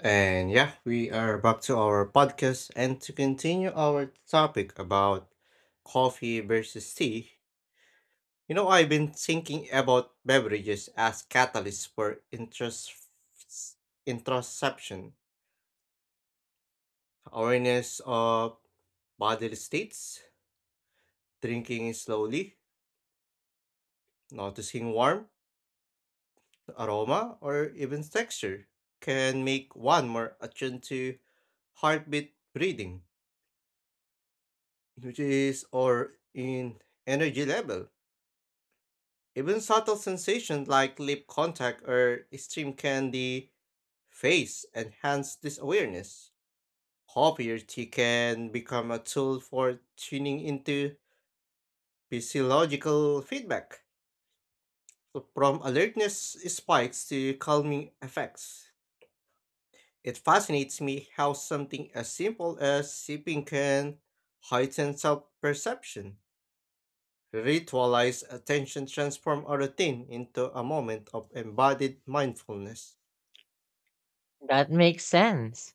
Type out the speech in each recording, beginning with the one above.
And yeah, we are back to our podcast and to continue our topic about coffee versus tea. You know, I've been thinking about beverages as catalysts for introspection, awareness of bodily states, drinking slowly, noticing warmth, aroma, or even texture can make one more attuned to heartbeat, breathing, which is or in energy level. Even subtle sensations like lip contact or extreme candy face enhance this awareness. Coffee can become a tool for tuning into physiological feedback, so from alertness spikes to calming effects. It fascinates me how something as simple as sipping can heighten self perception. Ritualized attention transforms a routine into a moment of embodied mindfulness. That makes sense.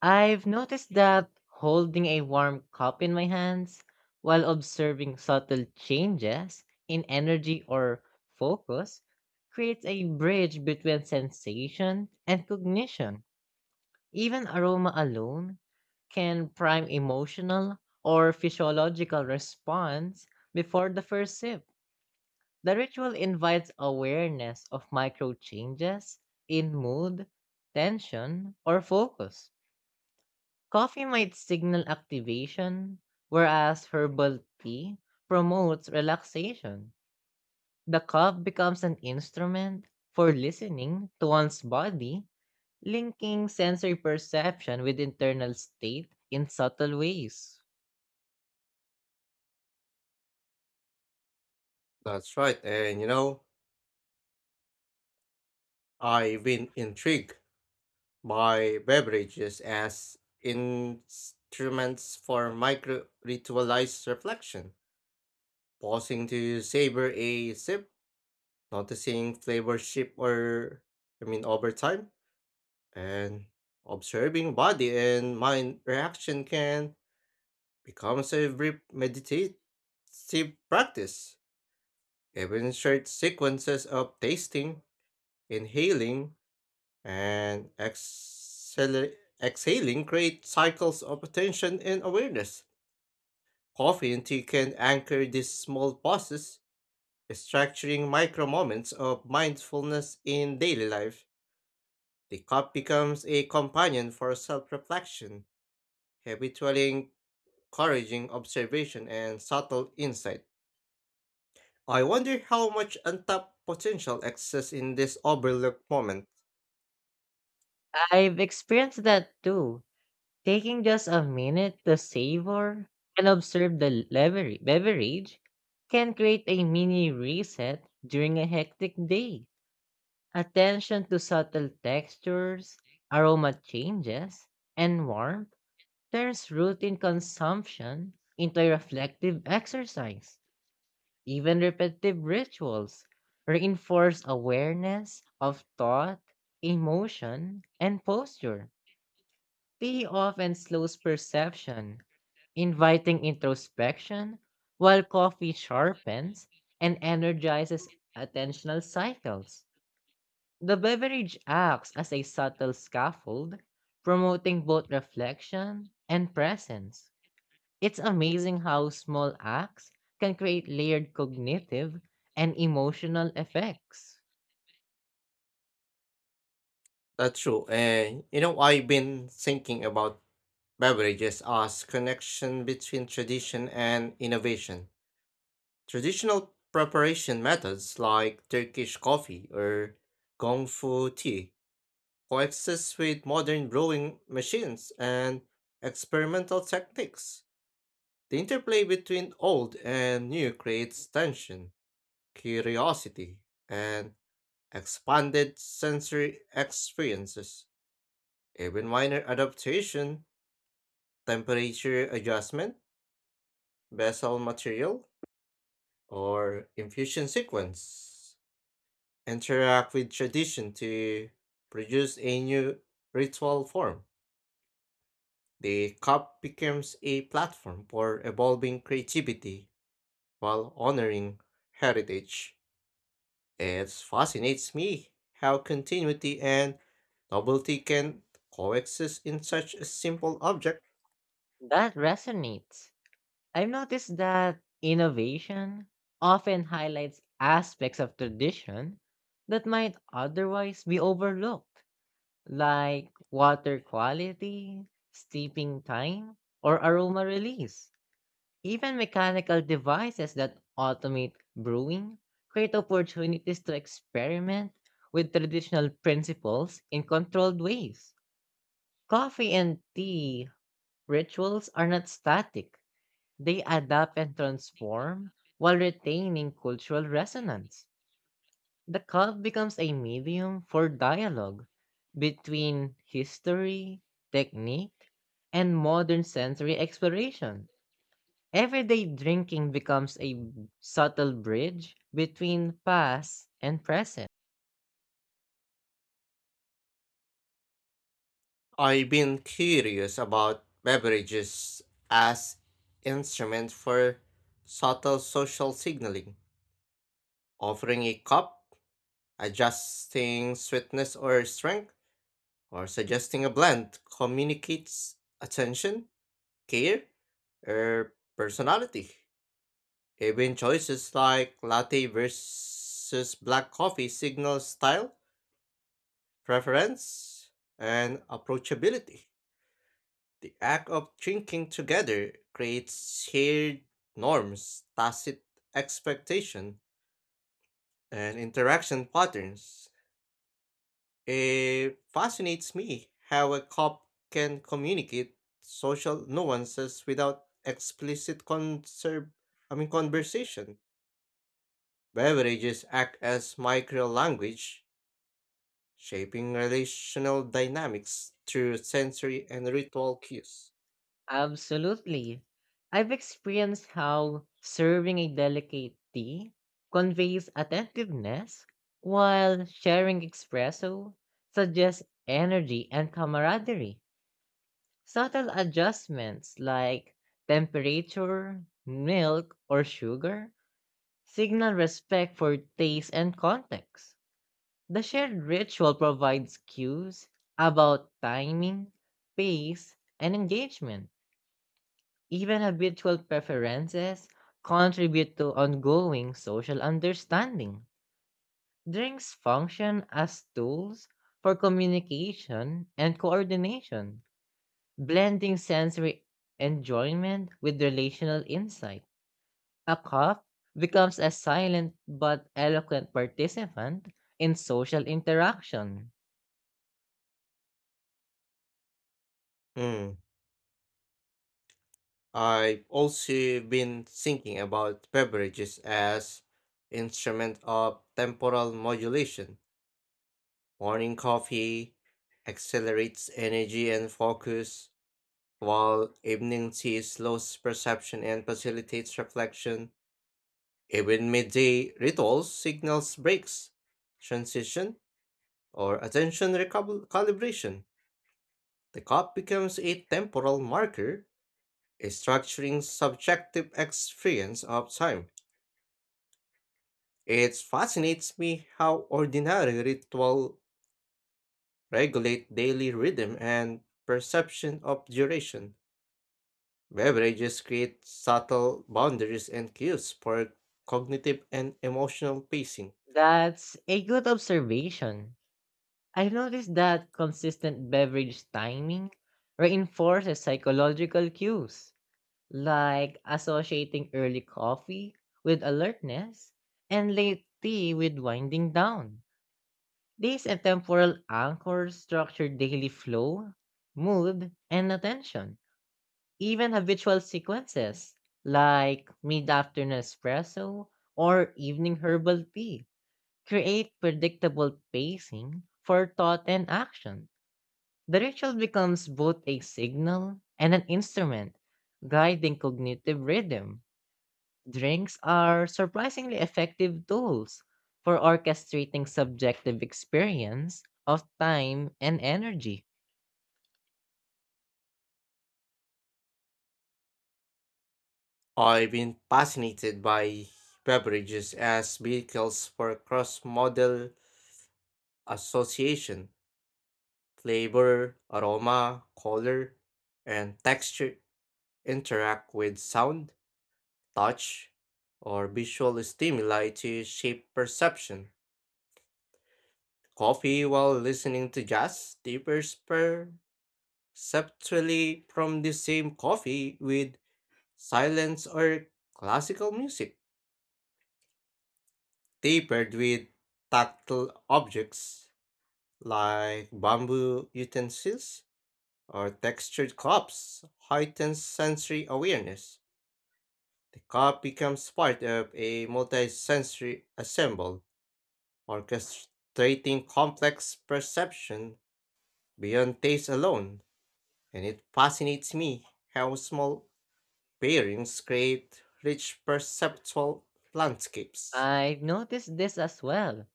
I've noticed that holding a warm cup in my hands while observing subtle changes in energy or focus creates a bridge between sensation and cognition. Even aroma alone can prime emotional or physiological response before the first sip. The ritual invites awareness of micro changes in mood, tension, or focus. Coffee might signal activation, whereas herbal tea promotes relaxation. The cup becomes an instrument for listening to one's body, linking sensory perception with internal state in subtle ways. That's right. And you know, I've been intrigued by beverages as instruments for micro ritualized reflection, pausing to savor a sip, noticing flavor shift or, I mean, over time, and observing body and mind reaction can become a brief meditative practice. Even short sequences of tasting, inhaling, and exhaling creates cycles of attention and awareness. Coffee and tea can anchor these small pauses, structuring micro moments of mindfulness in daily life. The cup becomes a companion for self reflection, habitually encouraging observation and subtle insight. I wonder how much untapped potential exists in this overlooked moment. I've experienced that too, taking just a minute to savor and observe the beverage can create a mini reset during a hectic day. Attention to subtle textures, aroma changes, and warmth turns routine consumption into a reflective exercise. Even repetitive rituals reinforce awareness of thought, emotion, and posture. Tea often slows perception, inviting introspection, while coffee sharpens and energizes attentional cycles. The beverage acts as a subtle scaffold, promoting both reflection and presence. It's amazing how small acts can create layered cognitive and emotional effects. That's true. And you know, I've been thinking about beverages as connection between tradition and innovation. Traditional preparation methods like Turkish coffee or Gongfu tea coexist with modern brewing machines and experimental techniques. The interplay between old and new creates tension, curiosity, and expanded sensory experiences. Even minor adaptation, temperature adjustment, vessel material, or infusion sequence interact with tradition to produce a new ritual form. The cup becomes a platform for evolving creativity while honoring heritage. It fascinates me how continuity and novelty can coexist in such a simple object. That resonates. I've noticed that innovation often highlights aspects of tradition that might otherwise be overlooked, like water quality, steeping time, or aroma release. Even mechanical devices that automate brewing create opportunities to experiment with traditional principles in controlled ways. Coffee and tea rituals are not static, they adapt and transform while retaining cultural resonance. The cup becomes a medium for dialogue between history, technique, and modern sensory exploration. Everyday drinking becomes a subtle bridge between past and present. I've been curious about beverages as instruments for subtle social signaling, offering a cup, adjusting sweetness or strength, or suggesting a blend communicates attention, care, or personality. Even choices like latte versus black coffee signal style, preference, and approachability. The act of drinking together creates shared norms, tacit expectation, and interaction patterns. It fascinates me how a cop can communicate social nuances without explicit conserve, I mean conversation. Beverages act as micro language, shaping relational dynamics through sensory and ritual cues. Absolutely. I've experienced how serving a delicate tea conveys attentiveness, while sharing espresso suggests energy and camaraderie. Subtle adjustments like temperature, milk, or sugar signal respect for taste and context. The shared ritual provides cues about timing, pace, and engagement. Even habitual preferences contribute to ongoing social understanding. Drinks function as tools for communication and coordination, blending sensory enjoyment with relational insight. A cup becomes a silent but eloquent participant in social interaction. Hmm. I've also been thinking about beverages as instrument of temporal modulation. Morning coffee accelerates energy and focus, while evening tea slows perception and facilitates reflection. Even midday rituals signals breaks, transition, or calibration. The cup becomes a temporal marker, a structuring subjective experience of time. It fascinates me how ordinary ritual regulate daily rhythm and perception of duration. Beverages create subtle boundaries and cues for cognitive and emotional pacing. That's a good observation. I've noticed that consistent beverage timing reinforces psychological cues, like associating early coffee with alertness and late tea with winding down. These temporal anchors structure daily flow, mood, and attention. Even habitual sequences, like mid afternoon espresso or evening herbal tea, create predictable pacing for thought and action. The ritual becomes both a signal and an instrument, guiding cognitive rhythm. Drinks are surprisingly effective tools for orchestrating subjective experience of time and energy. I've been fascinated by beverages as vehicles for cross modal association. Flavor, aroma, color, and texture interact with sound, touch, or visual stimuli to shape perception. Coffee while listening to jazz differs per subtly from the same coffee with silence or classical music, tapered with tactile objects like bamboo utensils or textured cups, heightens sensory awareness. The cup becomes part of a multi-sensory ensemble, orchestrating complex perception beyond taste alone, and it fascinates me how small pairings create rich perceptual landscapes. I've noticed this as well.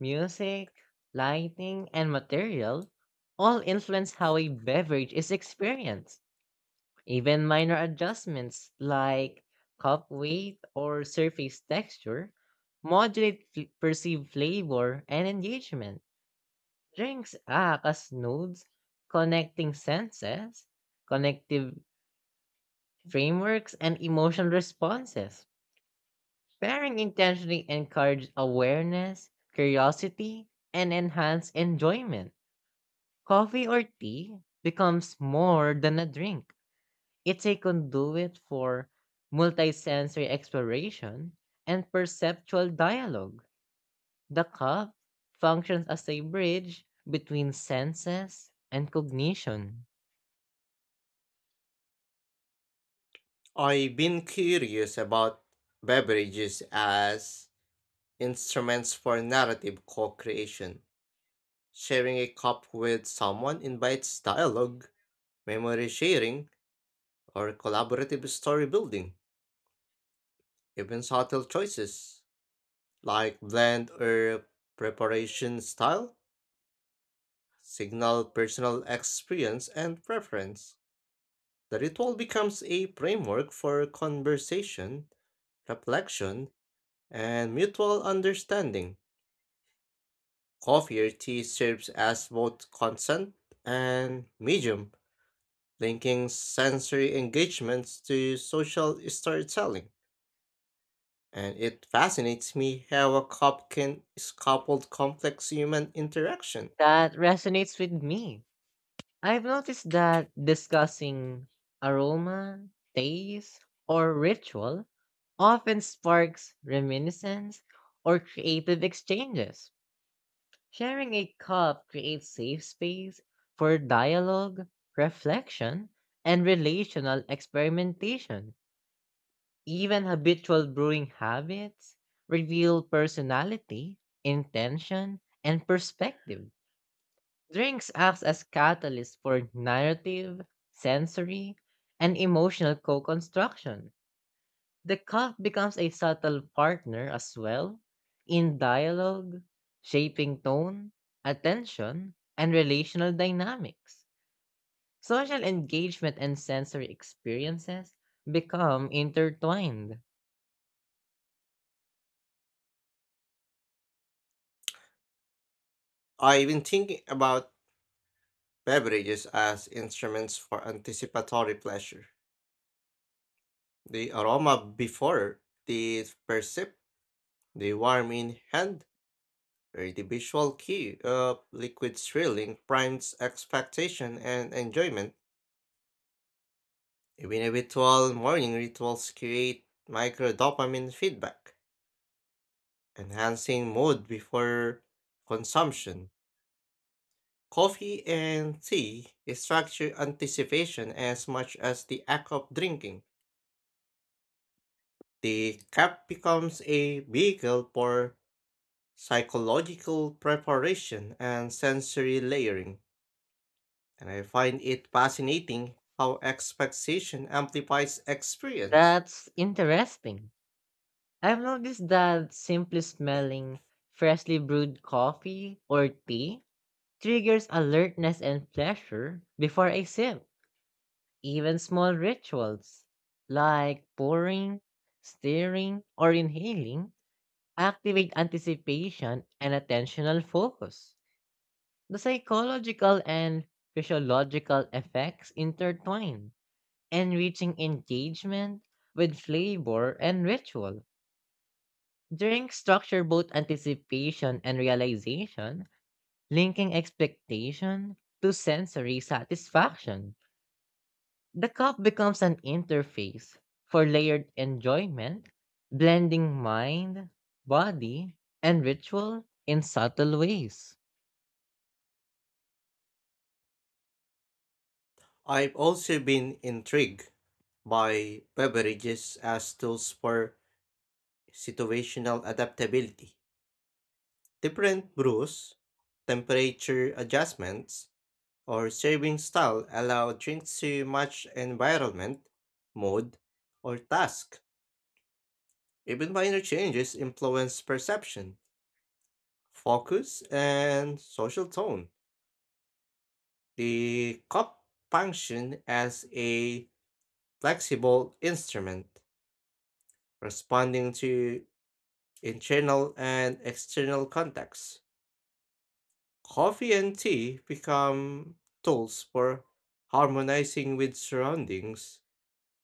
Music, lighting, and material all influence how a beverage is experienced. Even minor adjustments like cup weight or surface texture modulate perceived flavor and engagement. Drinks act as nodes connecting senses, connective frameworks, and emotional responses. Pairing intentionally encourages awareness, curiosity, and enhanced enjoyment. Coffee or tea becomes more than a drink. It's a conduit for multisensory exploration and perceptual dialogue. The cup functions as a bridge between senses and cognition. I've been curious about beverages as instruments for narrative co creation. Sharing a cup with someone invites dialogue, memory sharing, or collaborative story building. Even subtle choices like blend or preparation style signal personal experience and preference. The ritual becomes a framework for conversation, reflection, and mutual understanding. Coffee or tea serves as both consent and medium, linking sensory engagements to social storytelling. And it fascinates me how a cup can scaffold complex human interaction. That resonates with me. I've noticed that discussing aroma, taste, or ritual often sparks reminiscence or creative exchanges. Sharing a cup creates safe space for dialogue, reflection, and relational experimentation. Even habitual brewing habits reveal personality, intention, and perspective. Drinks acts as catalysts for narrative, sensory, and emotional co-construction. The calf becomes a subtle partner as well in dialogue, shaping tone, attention, and relational dynamics. Social engagement and sensory experiences become intertwined. I've been thinking about beverages as instruments for anticipatory pleasure. The aroma before, the percept, the warm in hand, or the visual cue of liquid swirling primes expectation and enjoyment. Even habitual morning rituals create micro dopamine feedback, enhancing mood before consumption. Coffee and tea structure anticipation as much as the act of drinking. The cup becomes a vehicle for psychological preparation and sensory layering, and I find it fascinating how expectation amplifies experience. That's interesting. I've noticed that simply smelling freshly brewed coffee or tea triggers alertness and pleasure before a sip. Even small rituals like pouring, stirring, or inhaling activate anticipation and attentional focus. The psychological and physiological effects intertwine, enriching engagement with flavor and ritual. Drinks structure both anticipation and realization, linking expectation to sensory satisfaction. The cup becomes an interface for layered enjoyment, blending mind, body, and ritual in subtle ways. I've also been intrigued by beverages as tools for situational adaptability. Different brews, temperature adjustments, or serving style allow drinks to match environment, mood, or task. Even minor changes influence perception, focus, and social tone. The cup functioned as a flexible instrument, responding to internal and external contexts. Coffee and tea become tools for harmonizing with surroundings,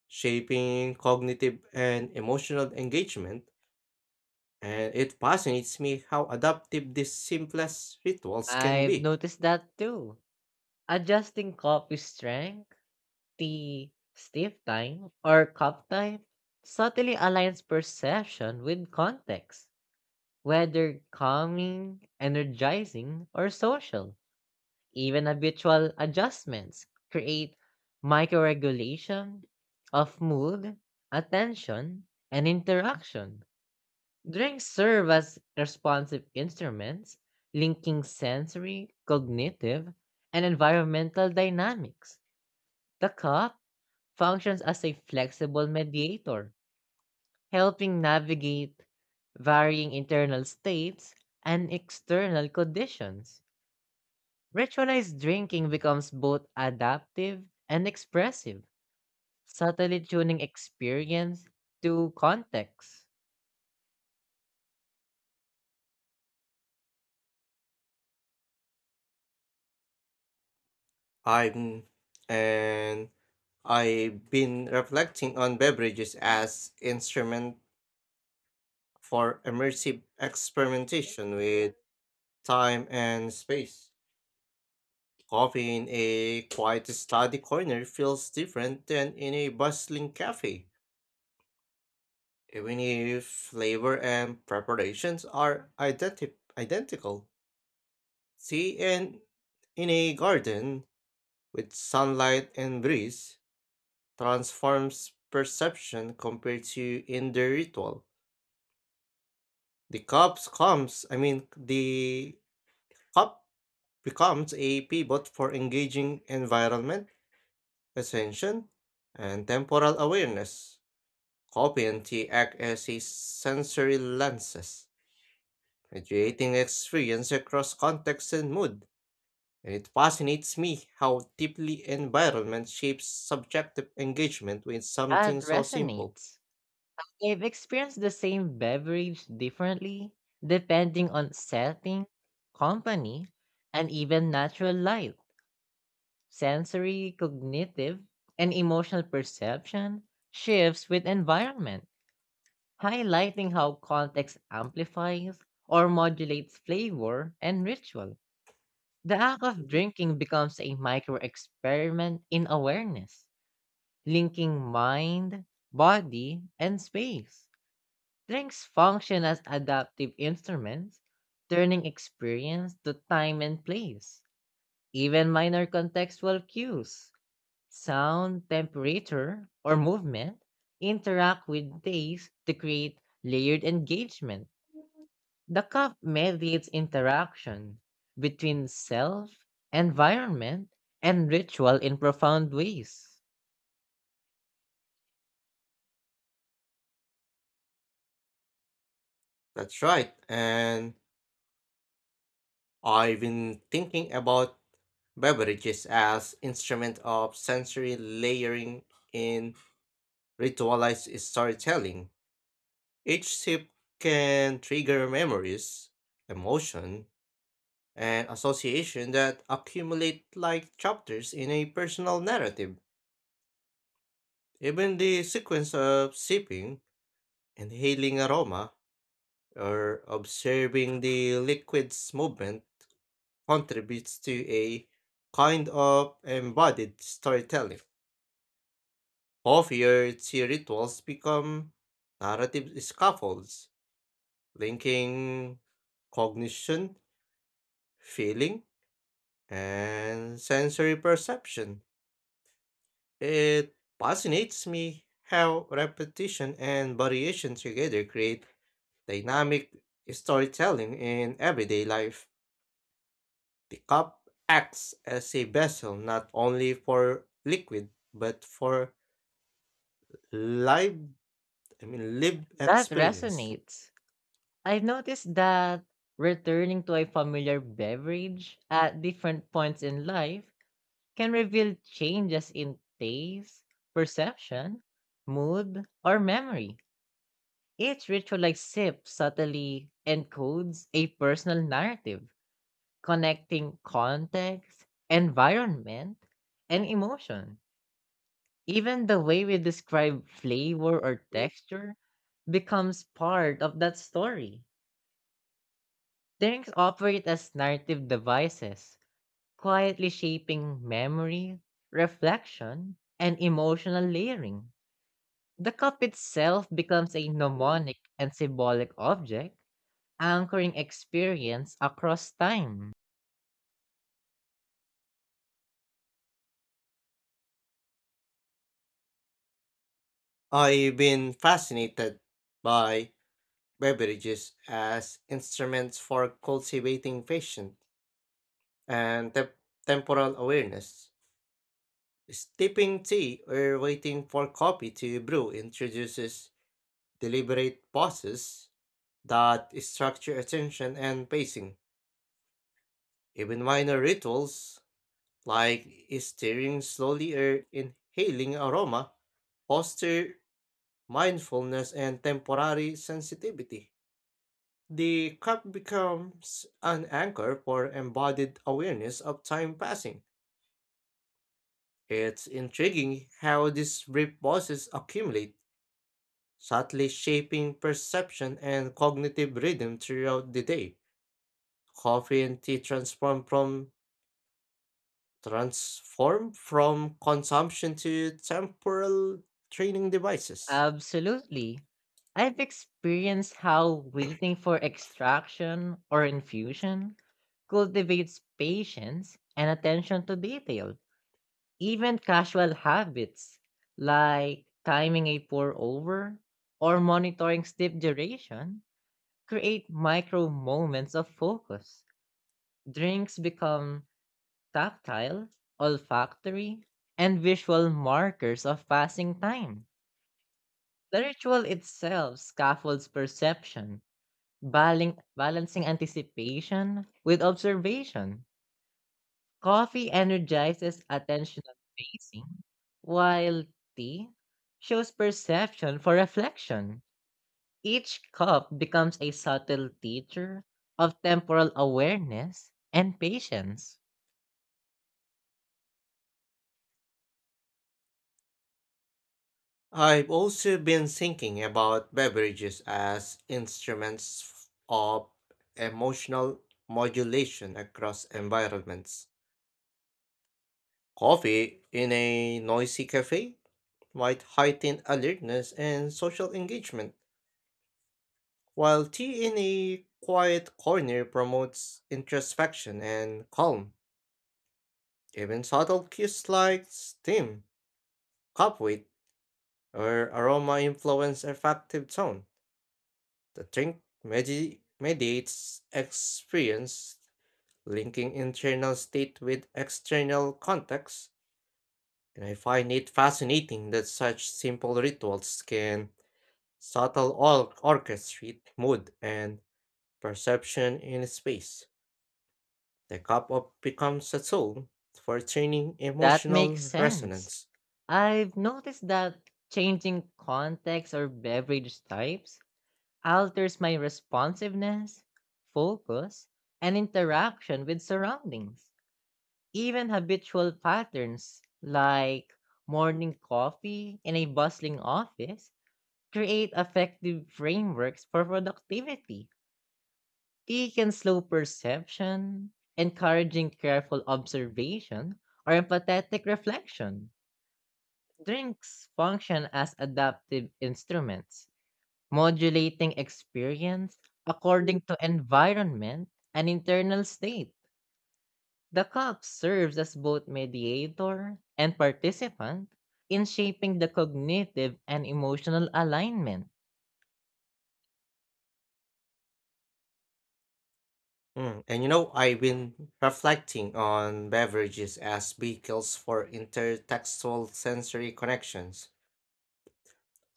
shaping cognitive and emotional engagement, and it fascinates me how adaptive these simplest rituals can I've be. noticed that too. Adjusting coffee strength, tea stiff time, or cup type subtly aligns perception with context, whether calming, energizing, or social. Even habitual adjustments create microregulation of mood, attention, and interaction. Drinks serve as responsive instruments linking sensory, cognitive, and environmental dynamics. The cup functions as a flexible mediator, helping navigate varying internal states and external conditions. Ritualized drinking becomes both adaptive and expressive, subtly tuning experience to context. I'm and I've been reflecting on beverages as instrument for immersive experimentation with time and space. Coffee in a quiet study corner feels different than in a bustling cafe, even if flavor and preparations are identical. Tea and in a garden with sunlight and breeze transforms perception compared to in the ritual. The cup comes, I mean, the cup becomes a pivot for engaging environment, attention, and temporal awareness. Coffee and tea act as a sensory lenses, mediating experience across context and mood. And it fascinates me how deeply environment shapes subjective engagement with something That so simple. resonates. I've experienced the same beverage differently, depending on setting, company, and even natural light. Sensory, cognitive, and emotional perception shifts with environment, highlighting how context amplifies or modulates flavor and ritual. The act of drinking becomes a micro experiment in awareness, linking mind, body, and space. Drinks function as adaptive instruments, turning experience to time and place. Even minor contextual cues, sound, temperature, or movement interact with taste to create layered engagement. The cup mediates interaction between self, environment, and ritual in profound ways. That's right, and I've been thinking about beverages as instrument of sensory layering in ritualized storytelling. Each sip can trigger memories, emotion, and association that accumulate like chapters in a personal narrative. Even the sequence of sipping, inhaling aroma, or observing the liquid's movement contributes to a kind of embodied storytelling. Coffee tea rituals become narrative scaffolds, linking cognition, feeling, and sensory perception. It fascinates me how repetition and variation together create dynamic storytelling in everyday life. The cup acts as a vessel not only for liquid but for life lived That experience. resonates. I've noticed that returning to a familiar beverage at different points in life can reveal changes in taste, perception, mood, or memory. Each ritual like sip subtly encodes a personal narrative connecting context, environment, and emotion. Even the way we describe flavor or texture becomes part of that story. Drinks operate as narrative devices, quietly shaping memory, reflection, and emotional layering. The cup itself becomes a mnemonic and symbolic object, anchoring experience across time. I've been fascinated by beverages as instruments for cultivating patience and temporal awareness. Sipping tea or waiting for coffee to brew introduces deliberate pauses that structure attention and pacing. Even minor rituals, like stirring slowly or inhaling aroma, foster mindfulness and temporary sensitivity. The cup becomes an anchor for embodied awareness of time passing. It's intriguing how these brief pauses accumulate, subtly shaping perception and cognitive rhythm throughout the day. Coffee and tea transform from consumption to temporal training devices. Absolutely. I've experienced how waiting for extraction or infusion cultivates patience and attention to detail. Even casual habits like timing a pour over or monitoring step duration create micro moments of focus. Drinks become tactile, olfactory, and visual markers of passing time. The ritual itself scaffolds perception, balancing anticipation with observation. Coffee energizes attentional pacing, while tea shows perception for reflection. Each cup becomes a subtle teacher of temporal awareness and patience. I've also been thinking about beverages as instruments of emotional modulation across environments. Coffee in a noisy cafe might heighten alertness and social engagement, while tea in a quiet corner promotes introspection and calm. Even subtle cues like steam, cupwheat, or aroma influence effective tone. The drink mediates experience, linking internal state with external context. And I find it fascinating that such simple rituals can orchestrate mood and perception in space. The cup of becomes a tool for training That makes emotional sense. resonance. I've noticed that changing context or beverage types alters my responsiveness, focus, and interaction with surroundings. Even habitual patterns like morning coffee in a bustling office create effective frameworks for productivity. They can slow perception, encouraging careful observation, or empathetic reflection. Drinks function as adaptive instruments modulating experience according to environment and internal state. The cup serves as both mediator and participant in shaping the cognitive and emotional alignment. Mm, and you know, I've been reflecting on beverages as vehicles for intertextual sensory connections.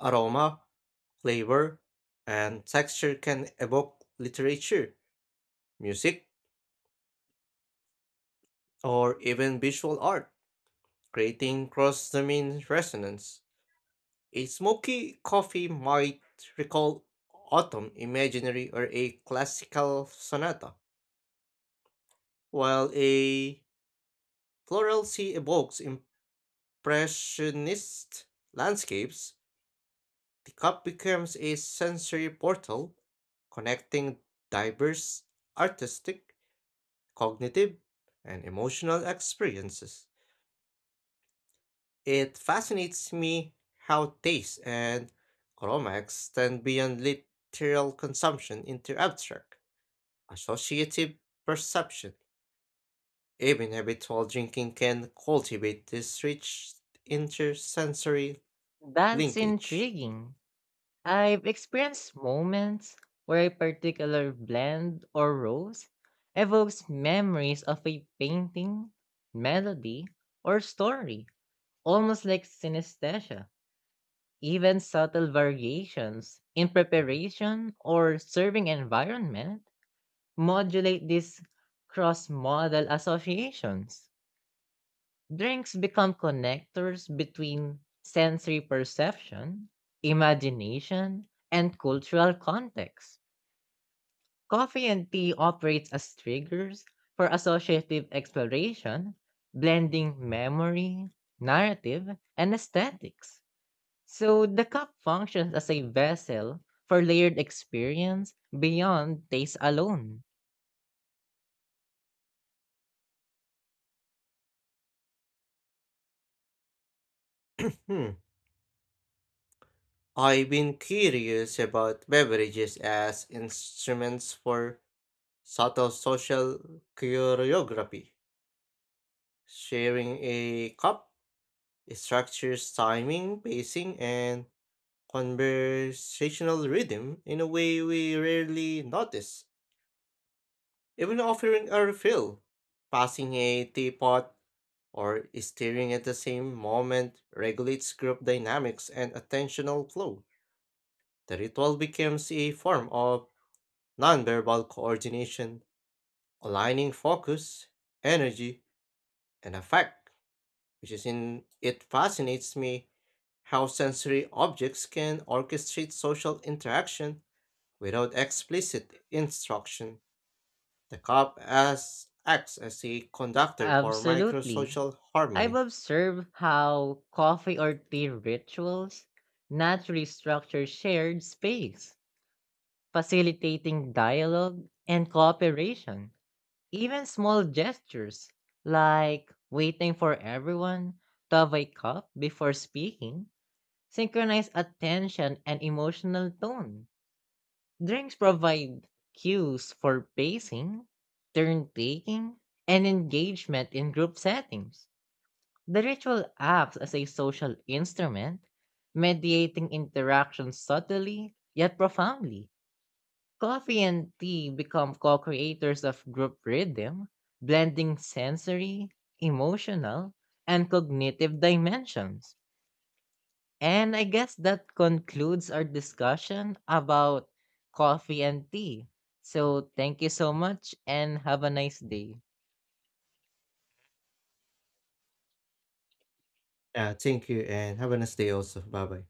Aroma, flavor, and texture can evoke literature, music, or even visual art, creating cross-domain resonance. A smoky coffee might recall autumn imaginary or a classical sonata, while a floral sea evokes Impressionist landscapes. The cup becomes a sensory portal connecting diverse artistic, cognitive, and emotional experiences. It fascinates me how taste and aroma extend beyond literal consumption into abstract, associative perception. Even habitual drinking can cultivate this rich intersensory That's linkage. intriguing. I've experienced moments where a particular blend or rose evokes memories of a painting, melody, or story, almost like synesthesia. Even subtle variations in preparation or serving environment modulate these cross modal associations. Drinks become connectors between sensory perception, imagination, and cultural context. Coffee and tea operates as triggers for associative exploration, blending memory, narrative, and aesthetics. So the cup functions as a vessel for layered experience beyond taste alone. Hmm. I've been curious about beverages as instruments for subtle social choreography. Sharing a cup structures timing, pacing, and conversational rhythm in a way we rarely notice. Even offering a refill, passing a teapot, or stirring at the same moment regulates group dynamics and attentional flow. The ritual becomes a form of nonverbal coordination, aligning focus, energy, and affect, which is in it fascinates me how sensory objects can orchestrate social interaction without explicit instruction. The cup as acts as a conductor for Absolutely. microsocial I've harmony. observed how coffee or tea rituals naturally structure shared space, facilitating dialogue and cooperation. Even small gestures like waiting for everyone to have a cup before speaking synchronize attention and emotional tone. Drinks provide cues for pacing, turn taking, and engagement in group settings. The ritual acts as a social instrument, mediating interactions subtly yet profoundly. Coffee and tea become co creators of group rhythm, blending sensory, emotional, and cognitive dimensions. And I guess that concludes our discussion about coffee and tea. So thank you so much and have a nice day. Yeah, thank you and have a nice day also. Bye bye.